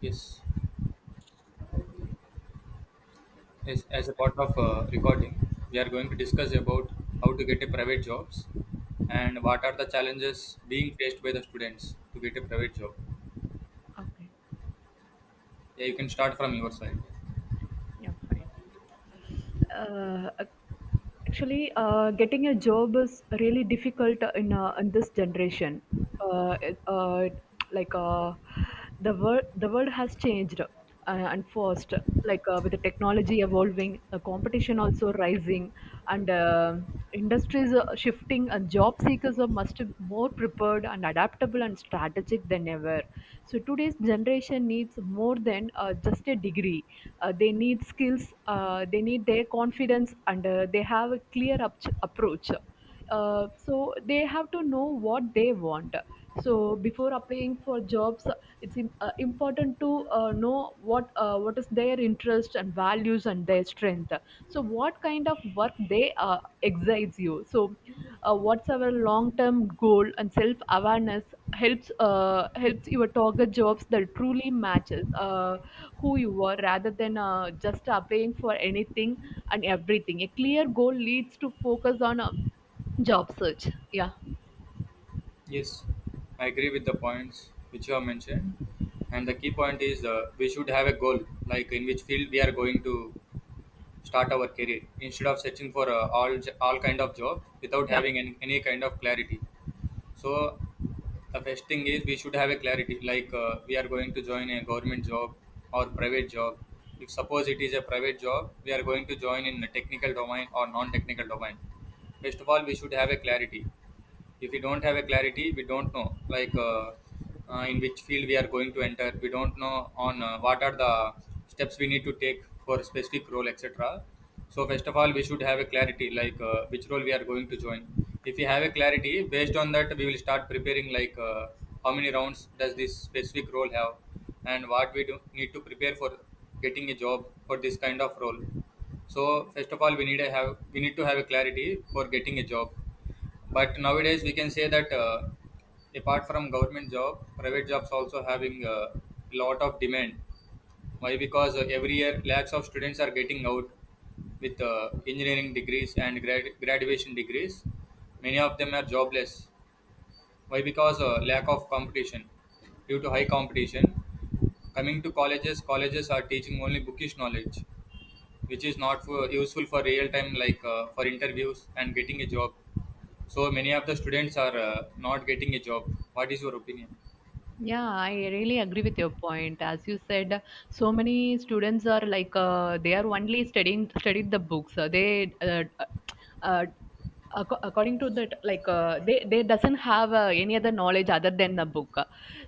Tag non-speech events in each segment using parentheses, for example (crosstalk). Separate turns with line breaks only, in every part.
Yes, yes. As a part of recording, we are going to discuss about how to get a private jobs and what are the challenges being faced by the students to get a private job.
Okay.
Yeah, you can start from your side.
Yeah, fine. Uh, ac- Getting a job is really difficult in this generation. Uh, it- uh, like uh, the world has changed and fast. With the technology evolving, the competition also rising, and. Industries are shifting and job seekers are must more prepared and adaptable and strategic than ever. So today's generation needs more than just a degree. They need skills, they need their confidence, and they have a approach. So they have to know what they want, so before applying for jobs it's important to know what is their interest and values and their strength, so what kind of work they excites you. So what's our long term goal, and self awareness helps your target jobs that truly matches who you are rather than just applying for anything and everything. A clear goal leads to focus on job search. Yeah.
Yes, I agree with the points which you have mentioned. And the key point is, we should have a goal, like in which field we are going to start our career, instead of searching for all kind of job without
Yeah.
having any kind of clarity. So the first thing is we should have a clarity like, we are going to join a government job or private job. If suppose it is a private job, we are going to join in a technical domain or non-technical domain. First of all, we should have a clarity. If we don't have a clarity, we don't know like, in which field we are going to enter. We don't know on what are the steps we need to take for specific role, etc. So first of all, we should have a clarity like, which role we are going to join. If we have a clarity, based on that we will start preparing like, how many rounds does this specific role have and what we do need to prepare for getting a job for this kind of role. So first of all, we need to have a clarity for getting a job. But nowadays we can say that, apart from government job, private jobs also having a lot of demand. Why? Because every year lakhs of students are getting out with engineering degrees and graduation degrees. Many of them are jobless. Why? Because lack of competition due to high competition. Coming to colleges, colleges are teaching only bookish knowledge, which is not for, useful for real time, like, for interviews and getting a job. So many of the students are not getting a job. What is your opinion?
Yeah, I really agree with your point. As you said, so many students are they are only studying studied the books. Uh, uh, According to that, they doesn't have any other knowledge other than the book.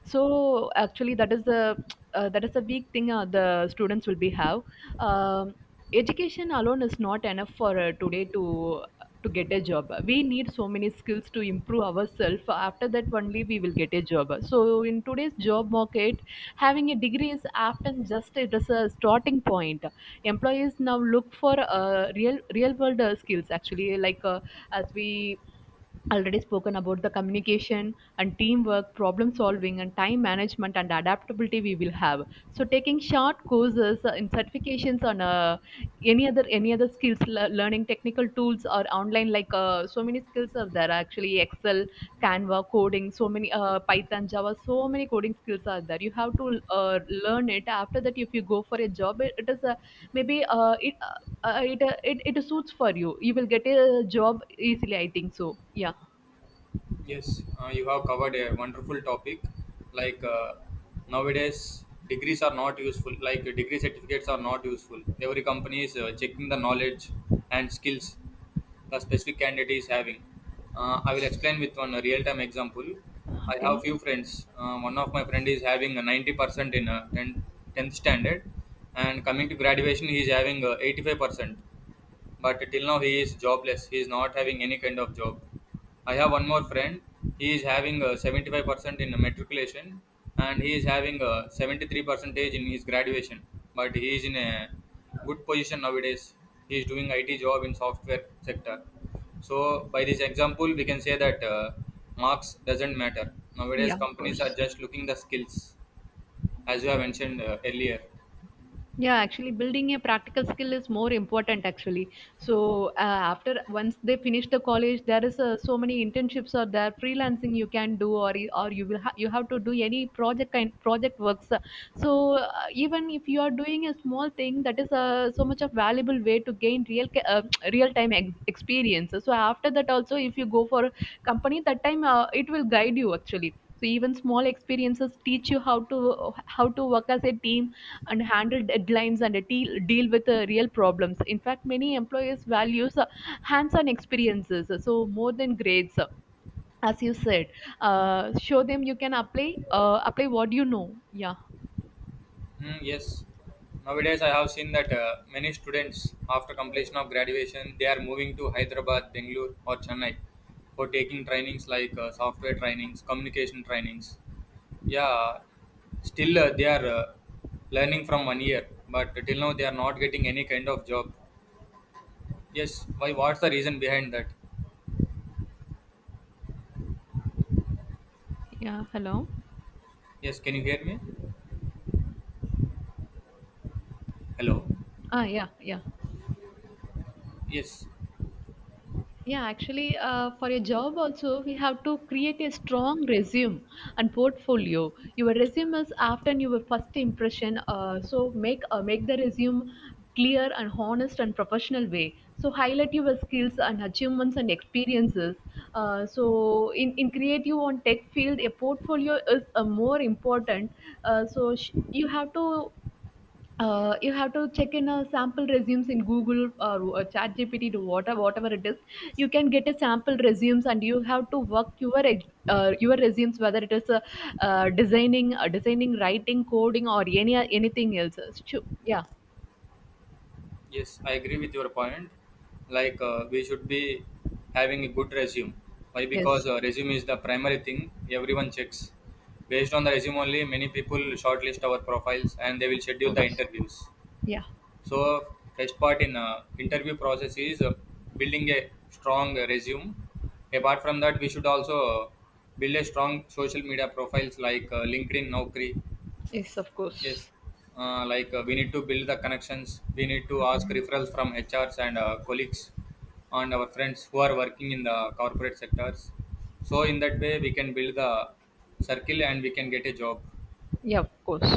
So actually, that is a weak thing the students will be have. Um, Education alone is not enough for today, to get a job we need so many skills to improve ourselves. After that only we will get a job. So in today's job market, having a degree is often just it is a starting point. Employees now look for real world skills actually, as we already spoken about, the communication and teamwork, problem solving, and time management and adaptability we will have. So taking short courses in certifications on any other skills, learning technical tools or online, so many skills are there actually. Excel, Canva, coding, so many Python, Java, so many coding skills are there. You have to learn it. After that, if you go for a job, it is a, maybe it suits for you, you will get a job easily, I think so. Yeah.
Yes, you have covered a wonderful topic. Like, nowadays, degrees are not useful. Like, degree certificates are not useful. Every company is checking the knowledge and skills the specific candidate is having. I will explain with one real-time example. I have
Okay.
few friends. One of my friend is having a 90% in 10, 10th standard, and coming to graduation, he is having 85%. But till now he is jobless, he is not having any kind of job. I have one more friend. He is having 75% in matriculation and he is having 73 percentage in his graduation, but he is in a good position nowadays. He is doing IT job in software sector. So by this example we can say that, marks doesn't matter nowadays.
Yeah, of
Companies are
course.
just looking the skills, as you have mentioned earlier.
Yeah, actually, building a practical skill is more important. Actually, so after once they finish the college, there is so many internships, or there freelancing you can do, or you will you have to do any project works. So even if you are doing a small thing, that is so much of valuable way to gain (tsk) experience. So after that also, if you go for company, that time it will guide you actually. So even small experiences teach you how to work as a team and handle deadlines and deal with real problems. In fact, many employers values hands-on experiences so more than grades, as you said, show them you can apply what you know. Yeah.
Hmm, yes. Nowadays, I have seen that, many students, after completion of graduation, they are moving to Hyderabad, Bangalore, or Chennai for taking trainings like, software trainings, communication trainings. Yeah, still they are learning from 1 year, but till now they are not getting any kind of job. Yes, why? What's the reason behind that?
Yeah, hello.
Yes, can you hear me? Hello.
Ah, yeah, yeah.
Yes.
Yeah, actually, for your job also, we have to create a strong resume and portfolio. Your resume is often your first impression. So make the resume clear and honest and professional way. So highlight your skills and achievements and experiences. So in creative on tech field, a portfolio is more important. You have to you have to check in a sample resumes in Google or GPT, to whatever it is. You can get a sample resumes, and you have to work your your resumes, whether it is designing, writing, coding, or anything else. Yeah.
Yes, I agree with your point. Like, we should be having a good resume. Why? Because
Yes.
resume is the primary thing everyone checks. Based on the resume only, many people shortlist our profiles and they will schedule the interviews.
Yeah.
So first part in interview process is building a strong resume. Apart from that, we should also build a strong social media profiles like, LinkedIn, Naukri.
Yes. Of
Yes,
course.
like, we need to build the connections. We need to ask referrals from HRs and colleagues and our friends who are working in the corporate sectors. So in that way, we can build the circle and we can get a job.
Yeah. Of course.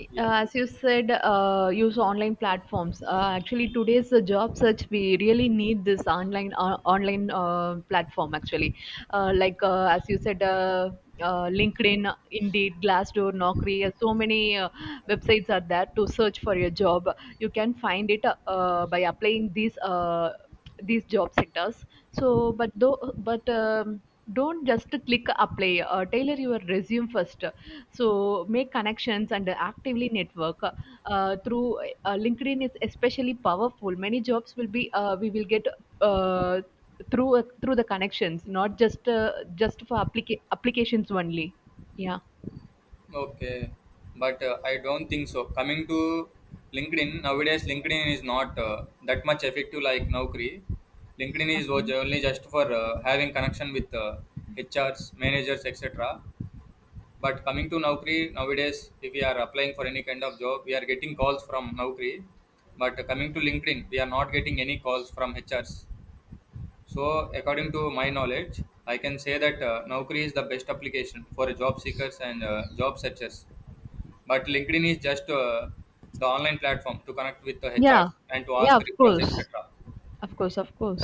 Uh,
Yeah.
as you said, use online platforms. Actually, today's job search, we really need this online platform. Actually, as you said, LinkedIn, Indeed, Glassdoor, Naukri. Uh, so many websites are there to search for your job. You can find it by applying these. These job sectors, so but though but don't just click apply, tailor your resume first. So make connections and actively network through LinkedIn is especially powerful. Many jobs will be we will get uh, through the connections, not just just for applications only. Yeah.
Okay, but I don't think so. Coming to LinkedIn nowadays, LinkedIn is not that much effective like Naukri. LinkedIn is was
Okay.
only just for having connection with HRs, managers, etc. But coming to Naukri nowadays, if we are applying for any kind of job, we are getting calls from Naukri. But coming to LinkedIn, we are not getting any calls from HRs. So according to my knowledge, I can say that, Naukri is the best application for job seekers and job searchers. But LinkedIn is just the online platform to connect with the
Yeah,
HRs and to
yeah,
ask
of
referrals,
course.
etc.
Of course, of course.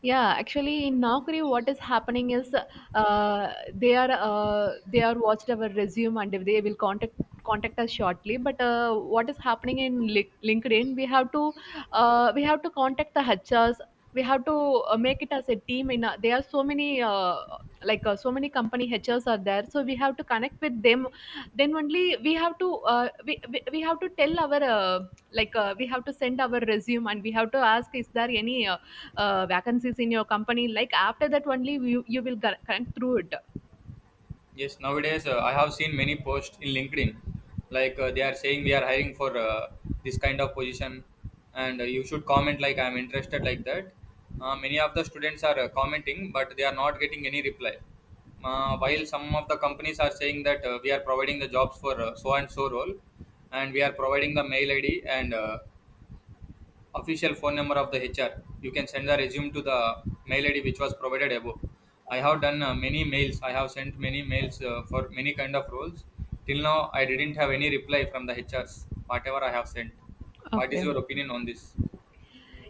Yeah, actually, in Naukri, what is happening is they are watched our resume, and if they will contact us shortly. But what is happening in LinkedIn? We have to contact the HRs. We have to make it as a team. In a, there are so many. So many company HRs are there, so we have to connect with them. Then only we have to we have to tell our we have to send our resume, and we have to ask is there any vacancies in your company, like after that only you will connect through it.
Yes, nowadays I have seen many posts in LinkedIn, like, they are saying we are hiring for this kind of position, and you should comment like I am interested, like that. Many of the students are commenting, but they are not getting any reply. While some of the companies are saying that, we are providing the jobs for so and so role, and we are providing the mail ID and official phone number of the HR. You can send the resume to the mail ID which was provided above. I have done many mails. I have sent many mails for many kind of roles. Till now, I didn't have any reply from the HRs, whatever I have sent. What is
Okay.
your opinion on this?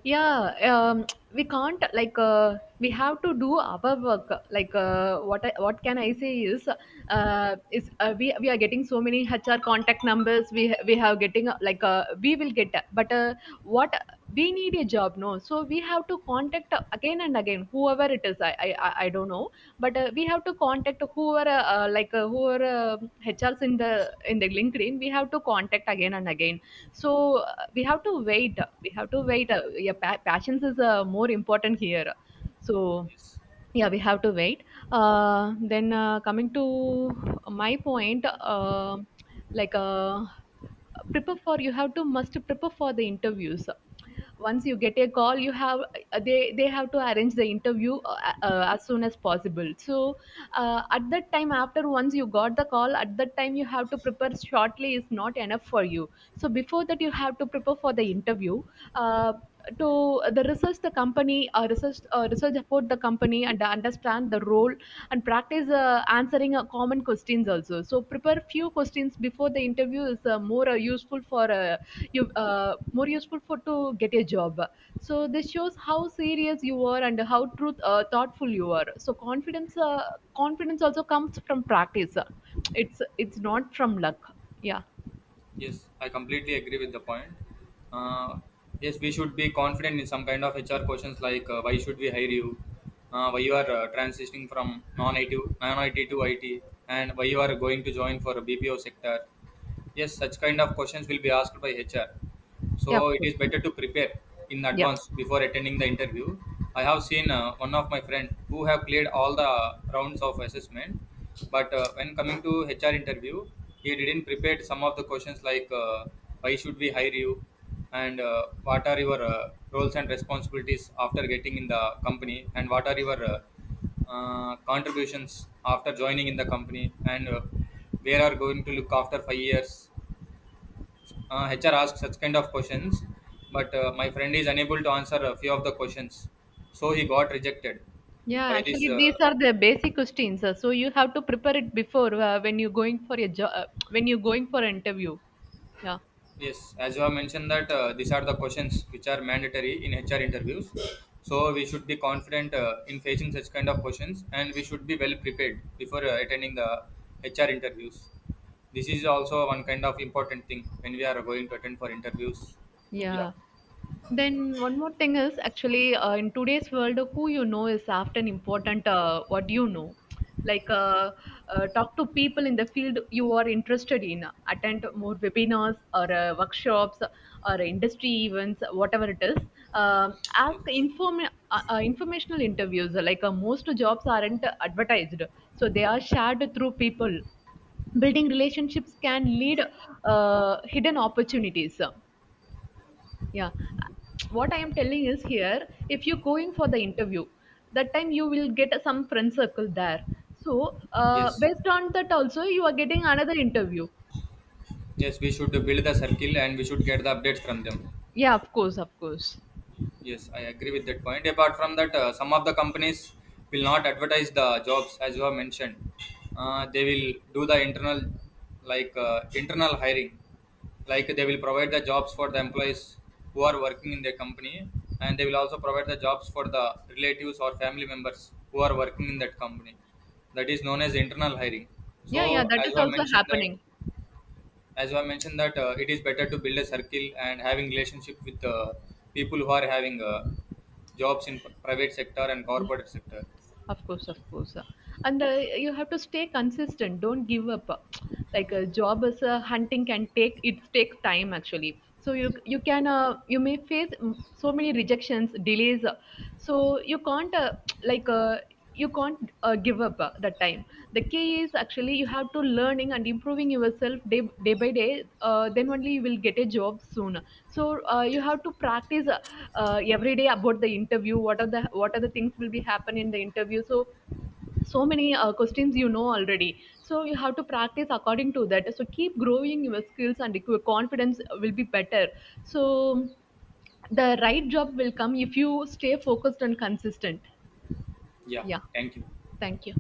yeah um, we can't, we have to do our work, what I, what can I say is, we are getting so many HR contact numbers. We have getting, we will get, but what, we need a job, no, so we have to contact again and again, whoever it is. I don't know, but we have to contact whoever HRs in the LinkedIn we have to contact again and again. So we have to wait, we have to wait, yeah, patience is more important here. So yeah, we have to wait. Then Coming to my point, like uh, prepare for, you have to must prepare for the interviews. Once you get a call, you have they have to arrange the interview as soon as possible. So at that time, after once you got the call, at that time you have to prepare shortly is not enough for you. So before that, you have to prepare for the interview. uh, to the research the company, research about the company and understand the role, and practice answering common questions also. So prepare few questions before the interview is more useful for you more useful for to get a job. So this shows how serious you are, and how truth thoughtful you are. So confidence also comes from practice. It's not from luck. Yeah.
Yes, I completely agree with the point. Uh, yes, we should be confident in some kind of HR questions like, why should we hire you, why you are transitioning from non-IT to IT, and why you are going to join for a BPO sector. Yes, such kind of questions will be asked by HR, so
Yeah, of
it is better
course.
to prepare in
Yeah.
advance before attending the interview. I have seen one of my friend who have cleared all the rounds of assessment, but when coming to HR interview, he didn't prepare some of the questions like, why should we hire you and what are your roles and responsibilities after getting in the company, and what are your contributions after joining in the company, and where are going to look after 5 years. Uh, HR asks such kind of questions, but my friend is unable to answer a few of the questions, so he got rejected
Yeah,
by this.
actually, these are the basic questions. Uh, so you have to prepare it before when you're going for a job, when you're going for an interview. Yeah.
Yes, as you have mentioned that, these are the questions which are mandatory in HR interviews, so we should be confident in facing such kind of questions, and we should be well prepared before attending the HR interviews. This is also one kind of important thing when we are going to attend for interviews. Yeah.
Yeah. Then one more thing is actually in today's world, who you know is often important. What you know, like uh, talk to people in the field you are interested in, attend more webinars or workshops or industry events, whatever it is. Ask
Yes.
informational interviews. Most jobs aren't advertised, so they are shared through people. Building relationships can lead hidden opportunities. Yeah. What I am telling is here, if you're going for the interview, that time you will get some friend circle there. So,
Yes.
based on that also, you are getting another interview.
Yes, we should build the circle and we should get the updates from them.
Yeah, of course, of course.
Yes, I agree with that point. Apart from that, some of the companies will not advertise the jobs as you have mentioned. They will do the internal, like, internal hiring, like they will provide the jobs for the employees who are working in their company, and they will also provide the jobs for the relatives or family members who are working in that company. That is known as internal hiring.
Yeah, yeah,
So,
that
as
is
you have
also
mentioned that,
happening.
as I mentioned that, it is better to build a circle and having relationship with people who are having jobs in private sector and
Yeah,
corporate sector.
of course, of course. And you have to stay consistent. Don't give up. Like a job as a hunting can take, it takes time actually. So you can you may face so many rejections, delays. So you can't like uh, you can't give up that time. The key is actually you have to learning and improving yourself day by day. Then only you will get a job soon. So you have to practice, every day about the interview, what are the things will be happen in the interview. So so many questions you know already, so you have to practice according to that. So keep growing your skills, and your confidence will be better. So the right job will come if you stay focused and consistent.
Yeah,
Yeah.
thank you.
Thank you.